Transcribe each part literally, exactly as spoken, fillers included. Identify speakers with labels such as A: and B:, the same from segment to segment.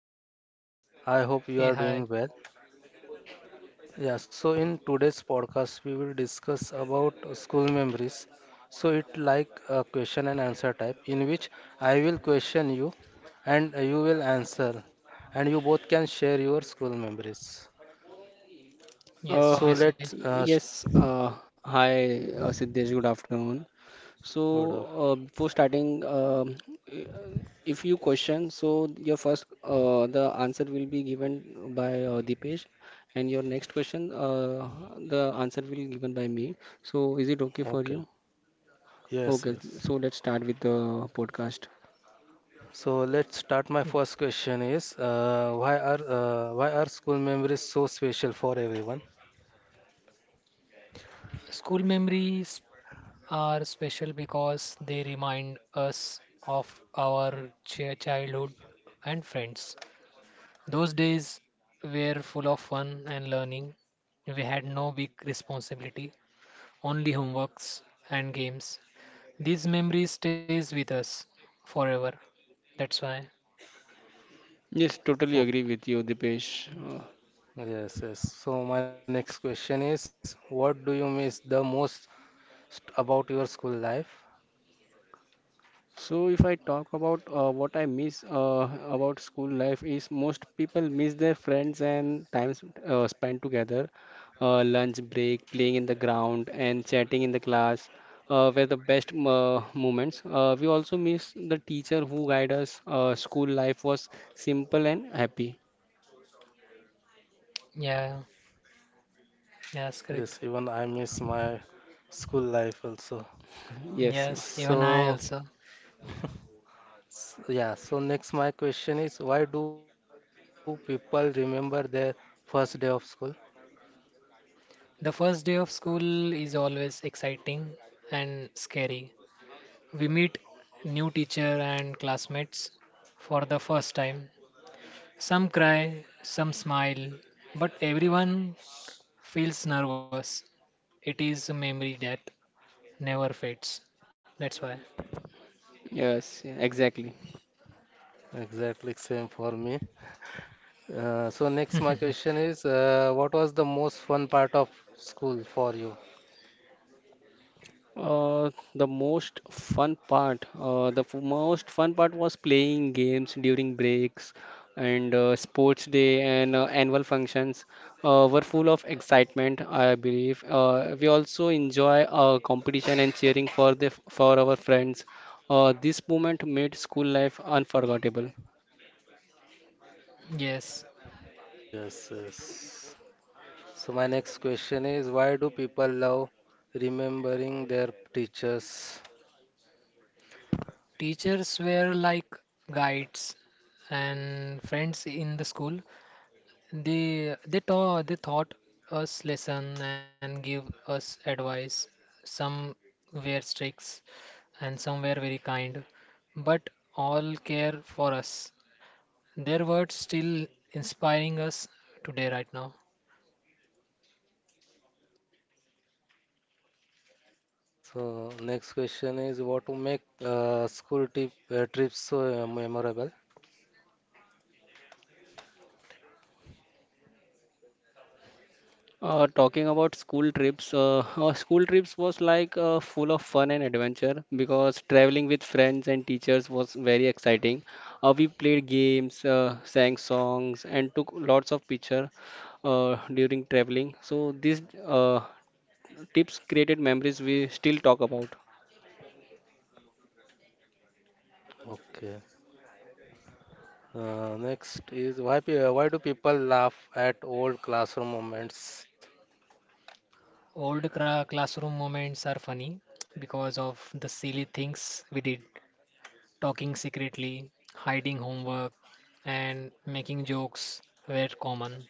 A: afternoon. I hope you are
B: Hey,
A: doing
B: hi.
A: well. Yeah, so in today's podcast, we will discuss about uh, school memories. So it like a question and answer type in which I will question you and uh, you will answer and you both can share your school memories.
B: Yes,
A: So
C: Uh,
B: obviously.
A: let's uh, s-
C: yes, uh, hi, uh, Siddesh, good afternoon. So,
A: good. af-
C: uh, before starting, um, uh, if you question, so your first, uh, the answer will be given by uh, Deepesh, and your next question, uh, the answer will be given by me. So, is it okay for
A: Okay.
C: you?
A: Yes,
C: Okay,
A: yes.
C: so let's start with the podcast.
A: So let's start.
B: Mm.
A: My first question is uh, why are uh, why are school memories so special for everyone?
B: School memories are special because they remind us of our chi- childhood and friends. Those days were full of fun and learning. We had no big responsibility, only homeworks and games. These memories stays with us forever. That's why.
C: Yes, totally agree with
A: Ok,
C: you, Deepesh. Uh,
A: yes, yes. So my next question is, what do you miss the most st- about your school life?
C: So if I talk about uh, what I miss uh, about school life is most people miss their friends and times uh, spent together, uh, lunch break, playing in the ground and chatting in the class uh, were the best m- uh, moments. Uh, we also miss the teacher who guided us. Uh, school life was simple and happy.
B: Yeah, yes, correct.
A: Yes, even I miss my school life also.
C: Yes, yes,
B: Yes, even I
A: So,
B: also.
A: s- yeah, so next my question is, why do people remember their first day of school?
B: The first day of school is always exciting and scary. We meet new teacher and classmates for the first time. Some cry, some smile, but everyone feels nervous. It is a memory that never fades. That's why.
C: yes, yeah, exactly.
A: Exactly same for me. Uh, so next my question is, uh, what was the most fun part of school for you?
C: Uh, the most fun part, uh, the f- most fun part was playing games during breaks and uh, sports day and uh, annual functions uh, were full of excitement, I believe. Uh, we also enjoy uh, competition and cheering for the for our friends. Uh, this moment made school life unforgettable.
B: Yes,
A: Yes, yes. So my next question is why do people love remembering their teachers?
B: teachers were like guides and friends in the school. They they taught they taught us lesson and give us advice. Some were strict and some were very kind, but all care for us. Their words still inspiring us today right now.
A: So next question is what to make uh, school trip uh, trips so uh, memorable?
C: Uh, talking about school trips, uh, our school trips was like uh, full of fun and adventure because traveling with friends and teachers was very exciting. Uh, we played games, uh, sang songs, and took lots of picture uh, during traveling. So these uh, tips created memories we still talk about.
A: Okay. Uh, next is why pe- uh, why do people laugh at old classroom moments?
B: Old cra Classroom moments are funny because of the silly things we did, talking secretly, hiding homework, and making jokes were common.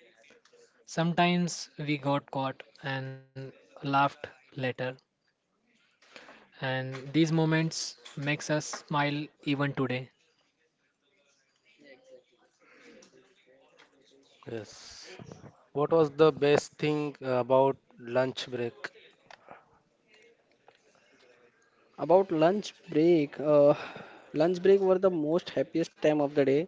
B: Sometimes we got caught and laughed later, and these moments makes us smile even today.
A: Yes. What was the best thing about lunch break?
C: About lunch break, uh, lunch break were the most happiest time of the day.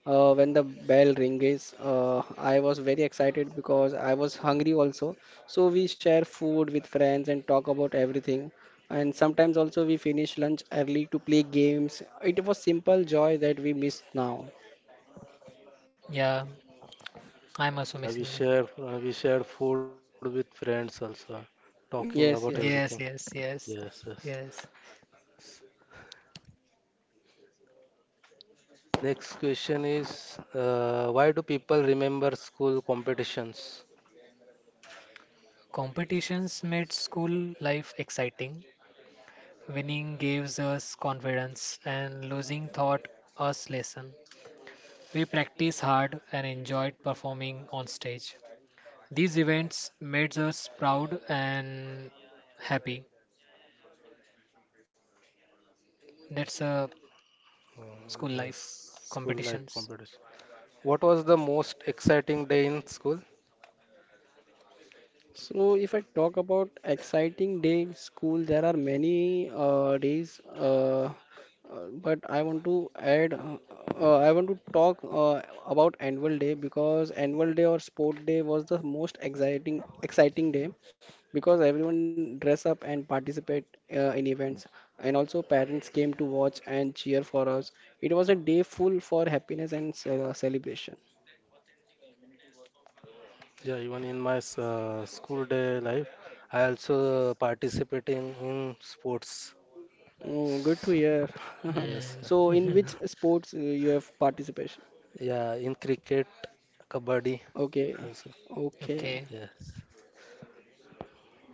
C: Uh, when the bell rings, uh, I was very excited because I was hungry also. So we share food with friends and talk about everything. And sometimes also we finish lunch early to play games. It was simple joy that we miss now.
B: Yeah, I'm
A: Yeah,
B: also
A: yeah, we
B: missing them.
A: share uh, we share food with friends also, talking about
C: Yes, yes.
A: everything.
B: Yes, yes, yes,
A: Yes, yes.
B: yes.
A: Next question is uh, why do people remember school competitions?
B: Competitions made school life exciting. Winning gives us confidence, and losing taught us lesson. We practiced hard and enjoyed performing on stage. These events made us proud and happy. That's a school
A: Mm,
B: life
A: yes, school
B: competitions.
A: life competition. What was the most exciting day in school?
C: So, if I talk about exciting day in school, there are many uh, days, uh, uh, but I want to add, uh, uh, I want to talk uh, about annual day because annual day or sport day was the most exciting exciting day because everyone dress up and participate uh, in events, and also parents came to watch and cheer for us. It was a day full for happiness and ce- celebration.
A: Yeah, even in my s- uh, school day life, I also participating in sports.
C: Oh, good to hear.
A: Yes,
C: So, in
B: Mm.
C: which sports uh, you have participation?
A: yeah, in cricket, kabaddi
C: Okay,
A: also.
B: Okay,
C: okay.
A: Yes.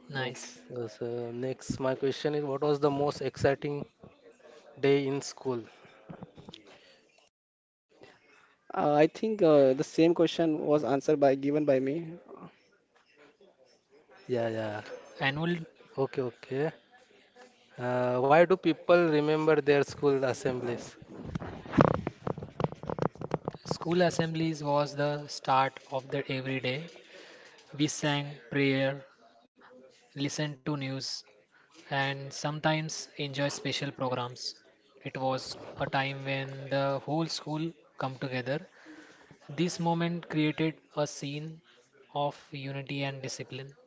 B: nice.
A: Okay. So next, my question is what was the most exciting day in school?
C: Uh, I think uh, the same question was answered by given by me.
A: Yeah, yeah.
B: Annual
A: Okay, okay. Uh, why do people remember their school assemblies?
B: school assemblies was the start of the every day. We sang prayer, listened to news, and sometimes enjoy special programs. It was a time when the whole school come together. This moment created a scene of unity and discipline.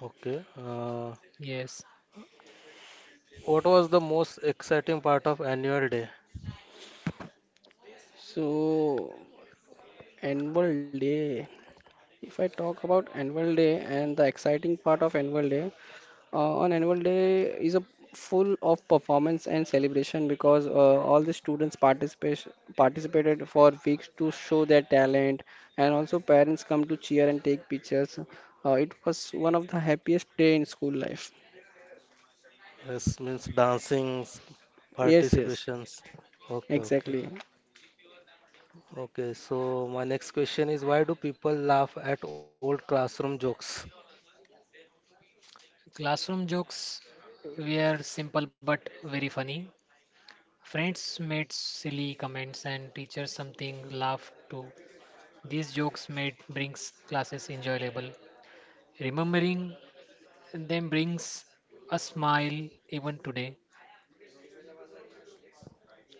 A: Okay. Uh,
B: Yes,
A: what was the most exciting part of annual day?
C: So, annual day. If I talk about annual day and the exciting part of annual day, Uh, on annual day is a full of performance and celebration because uh, all the students participation participated for weeks to show their talent and also parents come to cheer and take pictures. Uh, it was one of the happiest day in school life.
A: Yes, means dancings,
C: Yes, yes,
A: participations. Okay, okay.
C: exactly.
A: Okay, so my next question is why do people laugh at old classroom jokes?
B: classroom jokes were simple but very funny. Friends made silly comments and teachers something laugh too. These jokes made brings classes enjoyable. Remembering them brings a smile even today.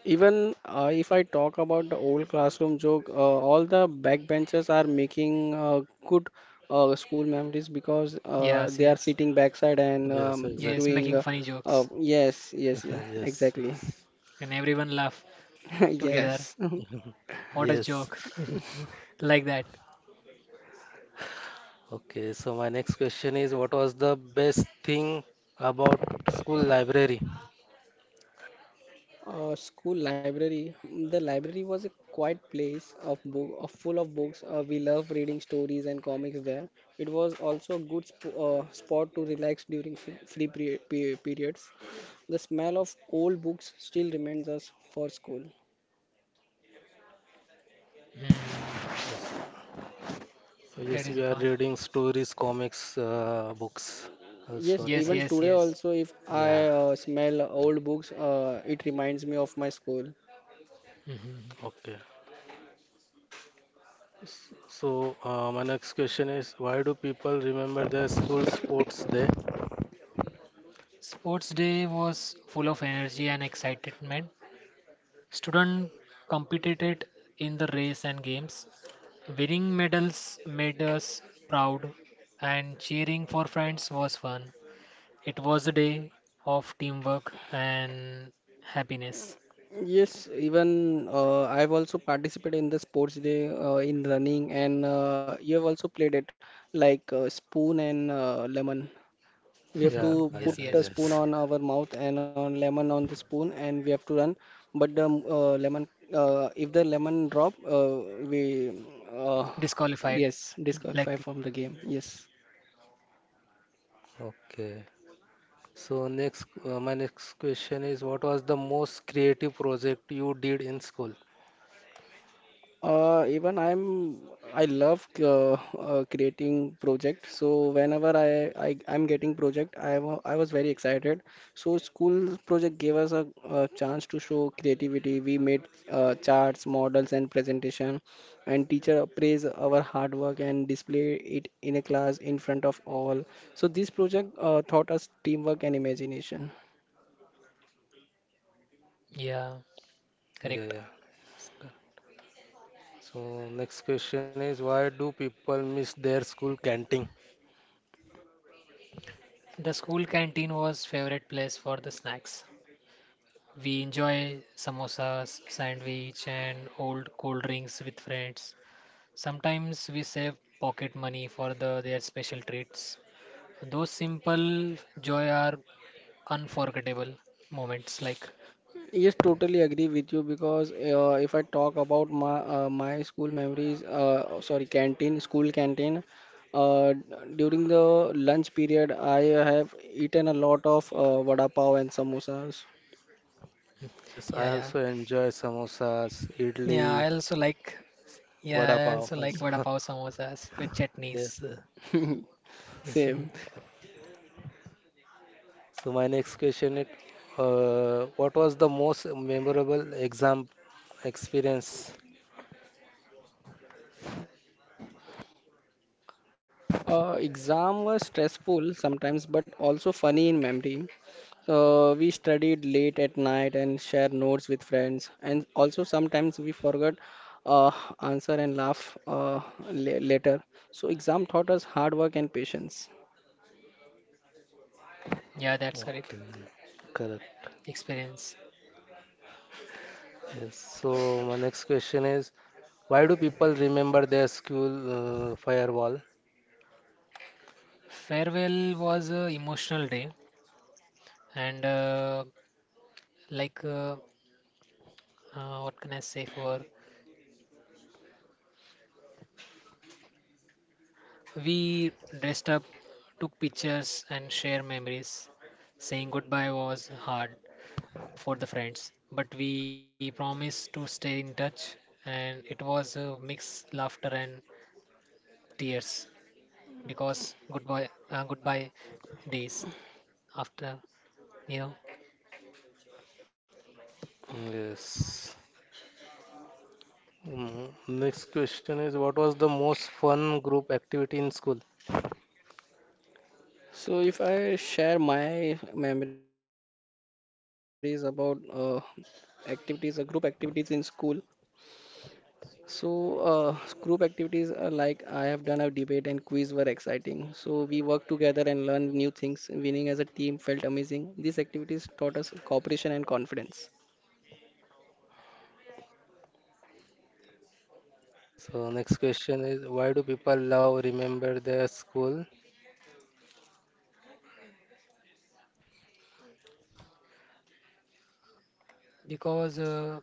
C: Even uh, if I talk about the old classroom joke, uh, all the backbenchers are making uh, good uh, school memories because uh,
B: Yes,
C: they are
B: yes.
C: sitting backside and
A: Yes,
C: um,
B: Yes,
A: exactly.
C: doing.
B: making
C: Uh,
B: funny
C: uh,
B: jokes.
C: yes, yes, yeah,
A: Yes,
C: exactly.
A: yes.
B: And everyone laugh together.
C: Yes.
B: What a
A: Yes.
B: joke. Like that.
A: Okay, so my next question is what was the best thing about school library?
C: Uh, school library. The library was a quiet place of book, of full of books. Uh, we love reading stories and comics there. It was also a good sp uh, spot to relax during f free pre pe periods. The smell of old books still reminds us for school.
B: Hmm,
A: Yes. Uh,
B: that
A: yes,
B: is
A: we
B: the
A: are
B: part.
A: reading stories, comics, uh, books.
C: Yes,
A: Also
B: Yes,
C: even
A: that,
B: yes,
C: today
B: yes.
C: also, if I
A: yeah,
C: uh, smell old books, uh, it reminds me of my school.
B: Mhm.
A: okay. So uh, my next question is, why do people remember their school sports day?
B: Sports day was full of energy and excitement. Students competed in the race and games. Winning medals made us proud, and cheering for friends was fun. It was a day of teamwork and happiness.
C: Yes, even uh, I've also participated in the sports day uh, in running, and uh, you have also played it like uh, spoon and uh, lemon. We have to
A: Yeah, yeah,
B: yes,
C: put a
B: yes.
A: yes.
C: spoon on our mouth and on lemon on the spoon and we have to run but the uh, lemon uh, if the lemon drop, uh, we uh,
B: Disqualified,
C: yes
B: like
C: disqualify
B: the
C: from the game, yes.
A: Okay. So next, uh, my next question is, what was the most creative project you did in school?
C: Uh, even I'm I love uh, uh, creating project. So whenever I, I I'm getting project, I wa- I was very excited. So school project gave us a, a chance to show creativity. We made uh, charts, models, and presentation, and teacher appraise our hard work and display it in a class in front of all. So this project uh, taught us teamwork and imagination.
B: yeah,
A: Yeah,
B: correct.
A: yeah. Yes, correct. So next question is, why do people miss their school canteen?
B: The school canteen was favorite place for the snacks. We enjoy samosas, sandwich, and old cold drinks with friends. Sometimes we save pocket money for the, their special treats. Those simple joy are unforgettable moments. Like,
C: Yes, totally agree with you because uh, if I talk about my uh, my school memories, uh, sorry, canteen, school canteen, uh, during the lunch period, I have eaten a lot of uh, vada pav and samosas.
A: Yes,
B: yeah,
A: I
B: yeah,
A: also enjoy samosas,
B: yeah.
A: idli,
B: I also like, yeah,
A: vada
B: I
A: pav
B: also like vada
A: also.
B: pav samosas with chutneys.
A: Yes. Uh,
B: Mhm.
C: Same.
A: so my next question is, uh, what was the most memorable exam experience?
C: Uh, exam was stressful sometimes, but also funny in memory. So we studied late at night and share notes with friends, and also sometimes we forgot uh, answer and laugh uh, la- later. So exam taught us hard work and patience.
B: Yeah, that's correct.
A: Okay, then. Correct.
B: Experience.
A: Yes. So my next question is, why do people remember their school uh, firewall?
B: Farewell was a emotional day, and uh, like, uh, uh, what can I say for? We dressed up, took pictures, and shared memories. Saying goodbye was hard for the friends, but we promised to stay in touch, and it was a mix laughter and tears because goodbye uh, goodbye days after you know
A: Yes. Mm, next question is, what was the most fun group activity in school?
C: So if I share my memories about uh, activities, uh, group activities in school, so, uh, group activities are like I have done a debate and quiz were exciting. So, we worked together and learned new things. Winning as a team felt amazing. These activities taught us cooperation and confidence.
A: So next question is, why do people love remember their school?
B: because uh,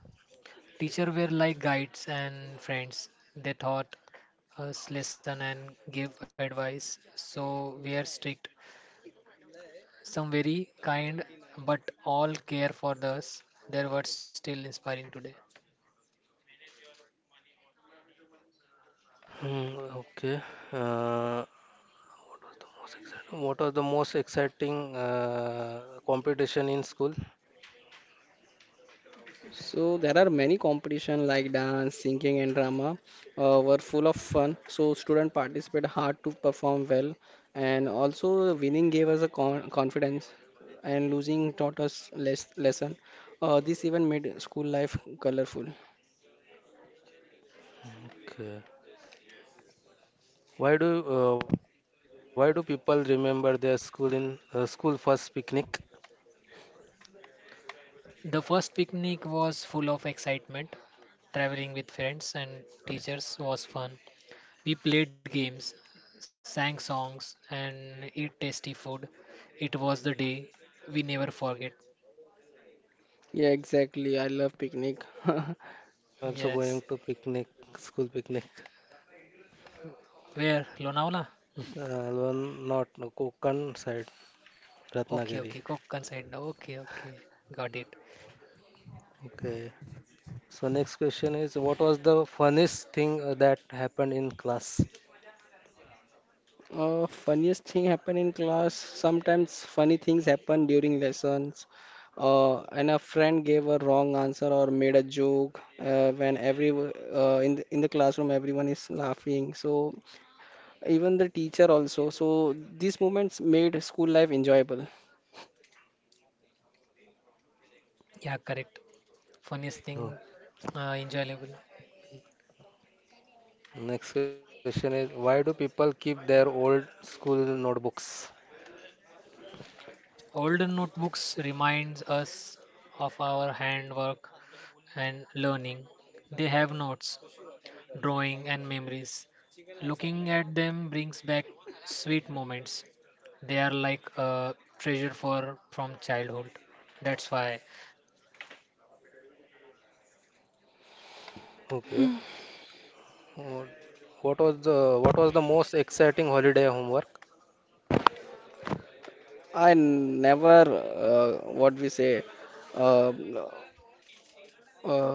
B: teacher were like guides and friends they taught us lesson and give advice so we are strict. Some very kind, but all care for us. Their words still inspiring today.
A: Hmm, okay. Uh, most exciting. What was the most exciting uh, competition in school?
C: So, there are many competition like dance, singing, and drama uh, were full of fun. So, students participate hard to perform well, and also winning gave us a con confidence, and losing taught us less lesson. Uh, this even made school life colorful.
A: Okay. Why do uh, why do people remember their school in uh, school first picnic?
B: The first picnic was full of excitement. Traveling with friends and teachers was fun. We played games, sang songs, and ate tasty food. It was the day we never forget.
C: Yeah, exactly. I love picnic.
A: I'm also
B: Yes.
A: going to picnic school picnic.
B: Where? Lonavala?
A: Uh, one not No, Konkan side,
B: Okay,
A: Ratnagiri.
B: okay. Kokkan side. Now. Okay, okay. Got it.
A: Okay. So next question is what was the funniest thing uh, that happened in class?
C: Uh, funniest thing happen in class. Sometimes funny things happen during lessons. Uh, and a friend gave a wrong answer or made a joke uh, when every uh, in the, in the classroom everyone is laughing. So even the teacher also. So these moments made school life enjoyable.
B: Yeah, correct. Funniest thing,
A: No.
B: uh, enjoyable.
A: Next question is why do people keep their old school notebooks?
B: Older notebooks reminds us of our handwork and learning. They have notes, drawing and memories. Looking at them brings back sweet moments. They are like a treasure for from childhood. That's why
A: Okay. Uh, What was the what was the most exciting holiday homework?
C: I never uh, what we say uh, uh,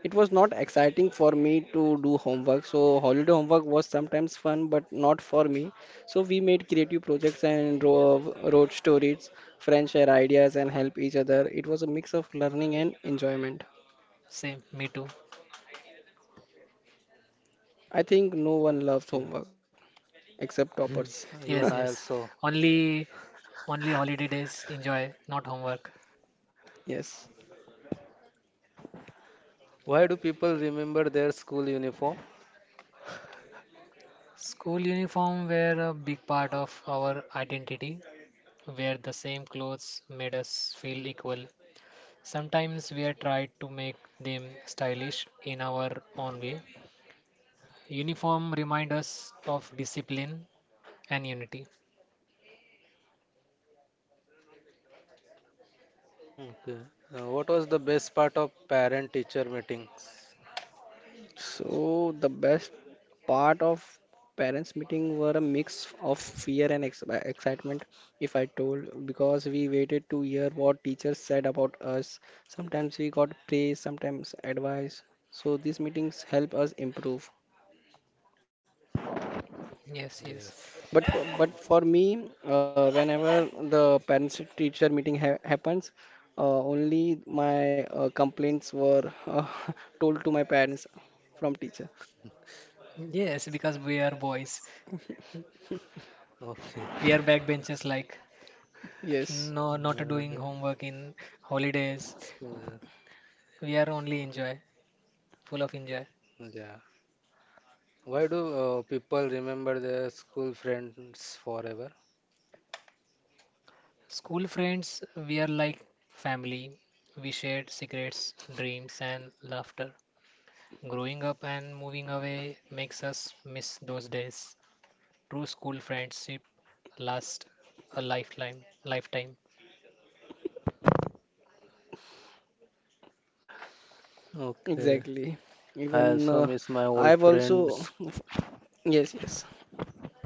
C: It was not exciting for me to do homework. So holiday homework was sometimes fun, but not for me. So we made creative projects and ro- wrote stories, friends share ideas and help each other. It was a mix of learning and enjoyment.
B: same me too.
C: I think no
A: Okay.
C: one loves homework except toppers.
A: Uh, even
B: yes,
A: I
B: yes.
A: also.
B: Only only holiday days enjoy, not homework.
C: yes.
A: Why do people remember their school uniform?
B: School uniform were a big part of our identity. Where the same clothes made us feel equal. Sometimes we tried to make them stylish in our own way. Uniform remind us of discipline and unity.
A: Okay. Uh, what was the best part of parent-teacher meetings?
C: So the best part of parents meeting were a mix of fear and ex- uh, excitement if I told because we waited to hear what teachers said about us. Sometimes we got praise, sometimes advice, so these meetings help us improve.
B: Yes, yes.
A: Yes.
C: But for, but for me uh, whenever the parents teacher meeting ha- happens, uh, only my uh, complaints were, uh, told to my parents from teacher.
B: Yes, because we are boys.
A: Okay.
B: We are backbenchers like
C: Yes,
B: no not
A: Uh,
B: doing homework in holidays.
A: school-
B: We are only enjoy, full of enjoy.
A: yeah. Why do uh, people remember their school friends forever?
B: School friends, we are like family. We shared secrets, dreams and laughter. Growing up and moving away makes us miss those days. True school friendship lasts a lifetime. Lifetime.
A: Okay.
C: exactly.
A: I
C: Even
A: also
C: uh,
A: miss my old
C: I've
A: friends.
C: also. Yes, yes.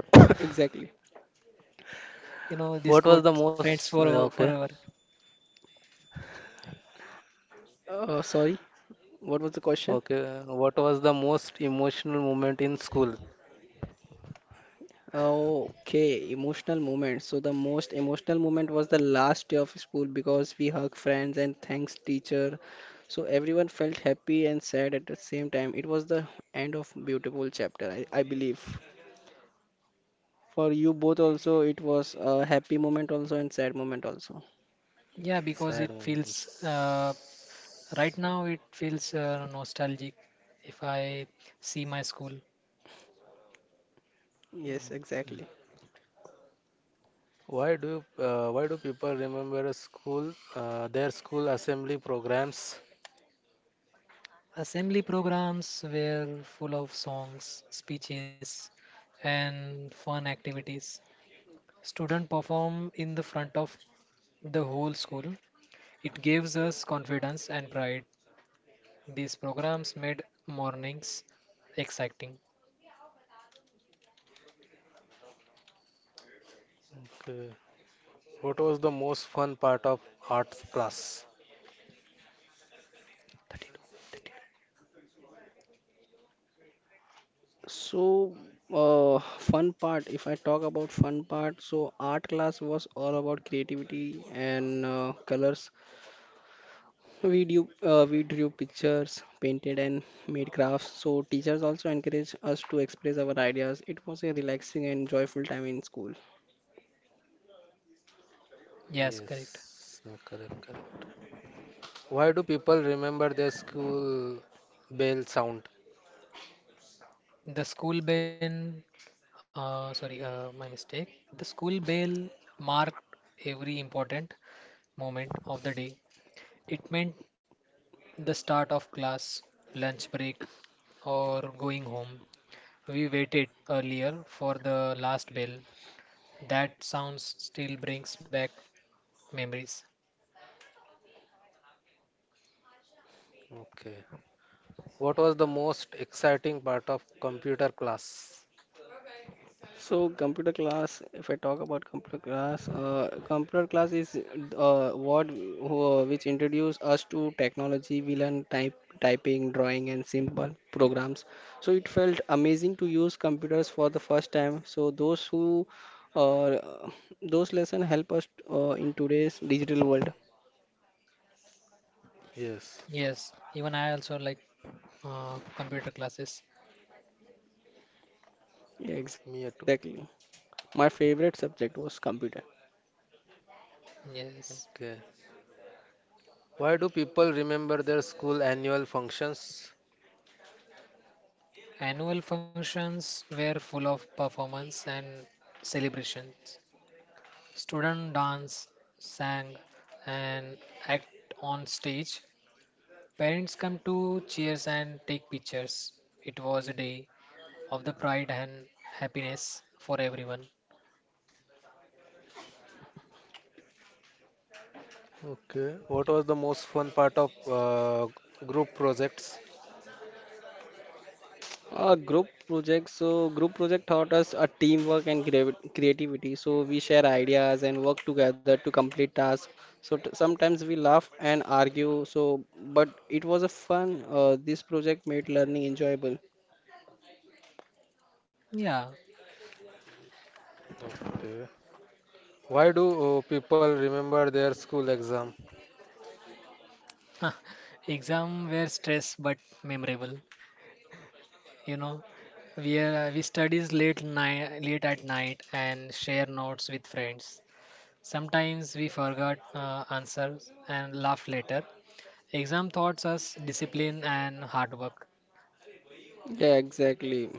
C: Exactly.
B: You know this
A: What was
B: quote,
A: the
B: "Friends
A: most?
B: for o-
A: Okay.
B: forever."
C: Uh, sorry, what was the question?
A: Okay, what was the most emotional moment in school?
C: Okay, emotional moment. So the most emotional moment was the last day of school because we hugged friends and thanks teacher. So everyone felt happy and sad at the same time. It was the end of beautiful chapter, I, I believe. For you both also, it was a happy moment also and sad moment also.
B: Yeah, because
A: Sad
B: it feels
A: moments.
B: uh, right now it feels uh, nostalgic. If I see my school
C: Yes, exactly.
A: Why do uh, why do people remember a school uh, their school assembly programs?
B: assembly programs were full of songs, speeches, and fun activities. Student perform in the front of the whole school. It gives us confidence and pride. These programs made mornings exciting.
A: Okay. What was the most fun part of arts class?
B: thirty-two, thirty-two.
C: So, uh, fun part, if I talk about fun part, so art class was all about creativity and uh, colors. We drew, uh, we drew pictures, painted, and made crafts. So, teachers also encouraged us to express our ideas. It was a relaxing and joyful time in school.
B: Yes, correct.
A: Yes, uh, correct, correct. Why do people remember their school bell sound?
B: The school bell, uh, sorry, uh, my mistake. The school bell marked every important moment of the day. It meant the start of class, lunch break, or going home. We waited earlier for the last bell. That sounds still brings back memories.
A: Okay. What was the most exciting part of computer class?
C: So computer class, if I talk about computer class, uh, computer class is uh, what who- uh, which introduce us to technology. We learn type, typing, drawing, and simple programs. So it felt amazing to use computers for the first time. So those who uh, those lesson help us uh, in today's digital world.
A: Yes,
B: Yes, even I also like uh, computer classes.
C: Yeah,
A: me too.
C: exactly. My favorite subject was computer.
B: Yes.
A: Okay. Why do people remember their school annual functions?
B: Annual functions were full of performance and celebrations. Students dance, sang, and act on stage. Parents come to cheers and take pictures. It was a day of the pride and happiness for everyone.
A: Okay. What was the most fun part of uh, group projects?
C: Uh, group project. So group project taught us a teamwork and creavi- creativity. So we share ideas and work together to complete tasks. So t- sometimes we laugh and argue. So but it was a fun. Uh, this project made learning enjoyable.
B: Yeah.
A: Okay. Why do uh, people remember their school exam?
B: Exam were stress but memorable, you know. We uh, we studies late night, late at night, and share notes with friends. Sometimes we forgot uh, answers and laugh later. Exam taught us discipline and hard work.
C: Yeah, exactly.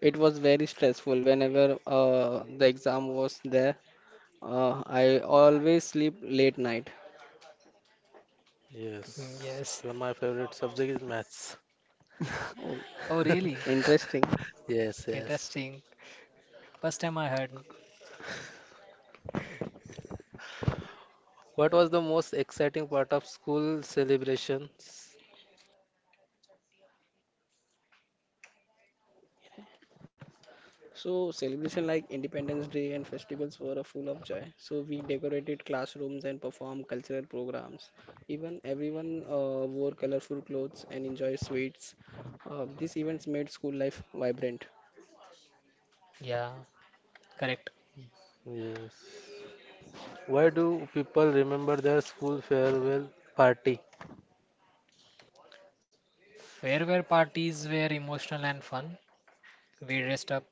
C: It was very stressful whenever uh, the exam was there. Uh, I always sleep late night.
B: Mhm,
A: Yes.
B: Yes.
A: Even my favorite subject is maths.
C: Oh,
B: Oh, really?
C: interesting.
A: Yes, yes.
B: Interesting. First time I heard.
A: What was the most exciting part of school celebrations?
C: So celebration like Independence Day and festivals were full of joy. So we decorated classrooms and performed cultural programs. Even everyone uh, wore colorful clothes and enjoyed sweets. Uh, these events made school life vibrant.
B: Yeah, correct.
A: Yes. Why do people remember their school farewell party?
B: Farewell parties were emotional and fun. We dressed up,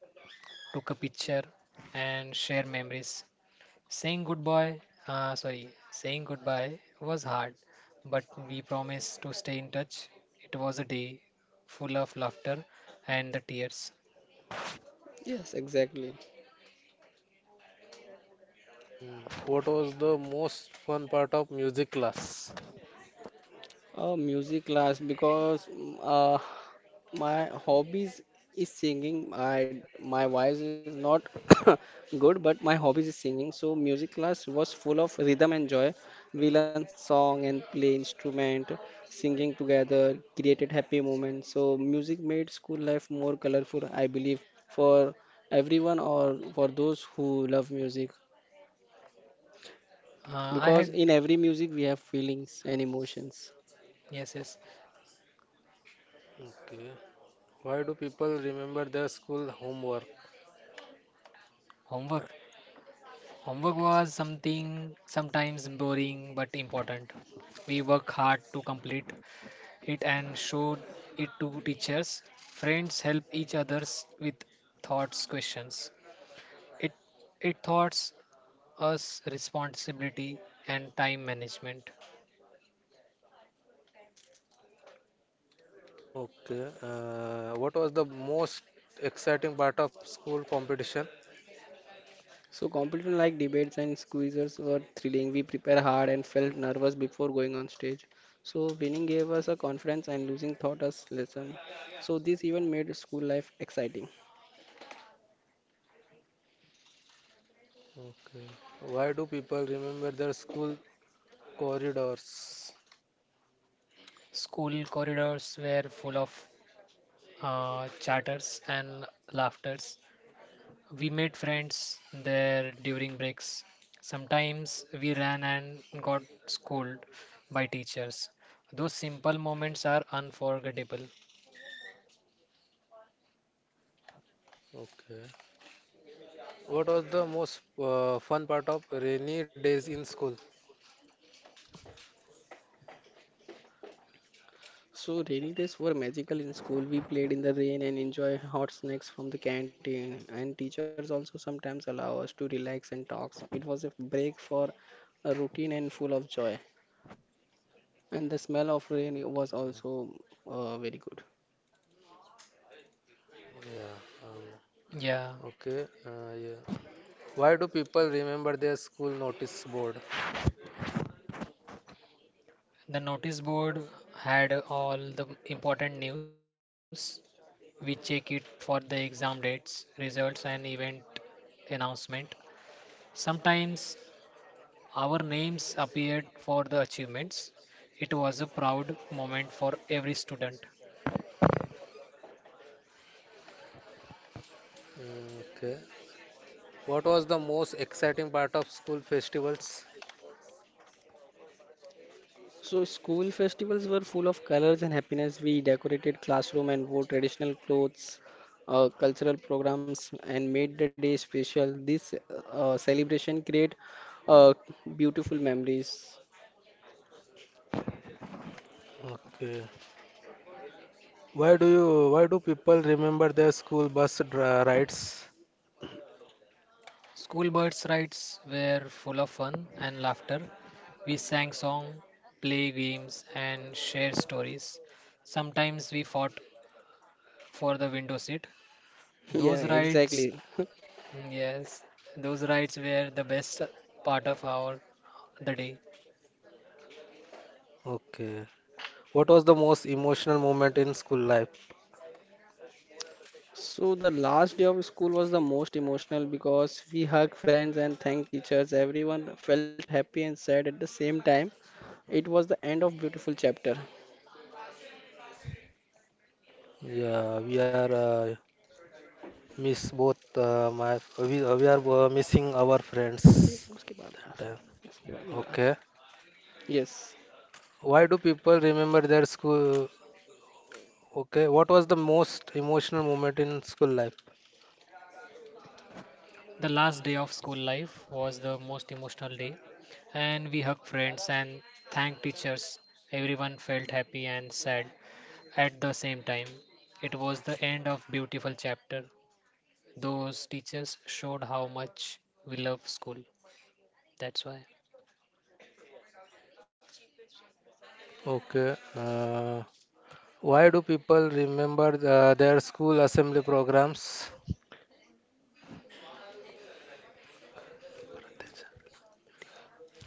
B: took a picture, and share memories. Saying goodbye, uh, sorry, Saying goodbye was hard, but we promised to stay in touch. It was a day full of laughter and the tears.
C: Yes, exactly.
A: Mm, what was the most fun part of music class?
C: Uh, music class because mm, uh, my hobbies is singing. I my voice is not good, but my hobbies is singing. So music class was full of rhythm and joy. We learned song and play instrument, singing together, created happy moments. So music made school life more colorful, I believe, for everyone or for those who love music.
B: Uh, I
C: Because
B: had,
C: in every music we have feelings and emotions.
B: yes, yes,
A: Okay. Why do people remember their school homework?
B: homework. Homework was something sometimes boring but important. We work hard to complete it and showed it to teachers. Friends help each others with thoughts, questions. It it thoughts us responsibility and time management.
A: Okay. Uh, what was the most exciting part of school competition?
C: So competition like debates and quizzes were thrilling. We prepared hard and felt nervous before going on stage. So winning gave us a confidence and losing taught us lesson. So this even made school life exciting.
A: Okay. Why do people remember their school corridors?
B: School corridors were full of uh, chatters and laughters. We made friends there during breaks. Sometimes we ran and got scolded by teachers. Those simple moments are unforgettable.
A: Okay. What was the most uh, fun part of rainy days in school?
C: So rainy days were magical in school. We played in the rain and enjoy hot snacks from the canteen. And teachers also sometimes allow us to relax and talk. It was a break for a routine and full of joy. And the smell of rain was also uh, very good.
A: Yeah. Um,
B: Yeah,
A: okay. Uh, yeah. Why do people remember their school notice board?
B: the notice board had all the important news. We check it for the exam dates, results, and event announcement. Sometimes our names appeared for the achievements. It was a proud moment for every student.
A: Mm, okay. What was the most exciting part of school festivals?
C: So school festivals were full of colors and happiness. We decorated classroom and wore traditional clothes, uh, cultural programs, and made the day special. This uh, celebration create uh, beautiful memories.
A: Okay. Why do you, why do people remember their school bus dra- rides?
B: School birds rides were full of fun and laughter. We sang songs, play games and share stories. Sometimes we fought for the window seat. Those
C: Yeah,
B: rides,
C: exactly.
B: yes, those rides were the best part of our the day.
A: Okay. What was the most emotional moment in school life?
C: So the last day of school was the most emotional because we hugged friends and thanked teachers. Everyone felt happy and sad at the same time. It was the end of beautiful chapter.
A: Yeah, we are uh, miss both uh, my we, uh, we are uh, missing our
C: ये
A: friends
C: उसके बाद last-
A: that time.
C: उसके बाद ये last.
A: Okay.
C: Yes.
A: Why do people remember their school? Okay. What was the most emotional moment in school life?
B: The last day of school life was the most emotional day, and we hugged friends and thanked teachers. Everyone felt happy and sad at the same time. It was the end of beautiful chapter. Those teachers showed how much we love school. That's why.
A: Okay. Uh, why do people remember the, their school assembly programs?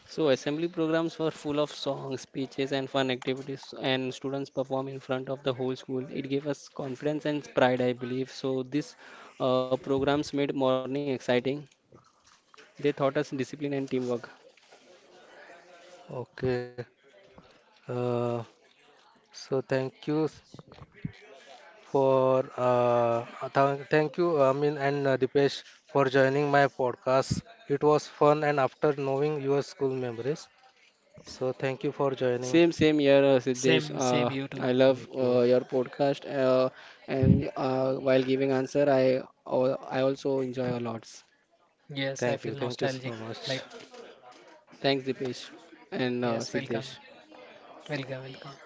C: So assembly programs were full of songs, speeches, and fun activities, and students perform in front of the whole school. It gave us confidence and pride, I believe. So these uh, programs made morning exciting. They taught us discipline and teamwork.
A: Okay. Uh, so thank you s- for uh, uh, thank thank you uh, Amin and uh, Dipesh for joining my podcast. It was fun and after knowing your school memories. So thank you for joining.
C: Same, same year, uh,
B: Same,
C: Siddesh.
B: same
C: Uh,
B: you too.
C: I love
A: Thank you.
C: uh, your podcast, uh, and uh, while giving answer, I al- I also enjoy a lot.
B: Yes, I
A: Thank
B: feel
A: you. Thank you
B: nostalgic.
A: so
B: Like,
A: much.
C: Thanks, Dipesh and uh,
B: yes, welcome,
C: Siddesh.
B: welcome, welcome.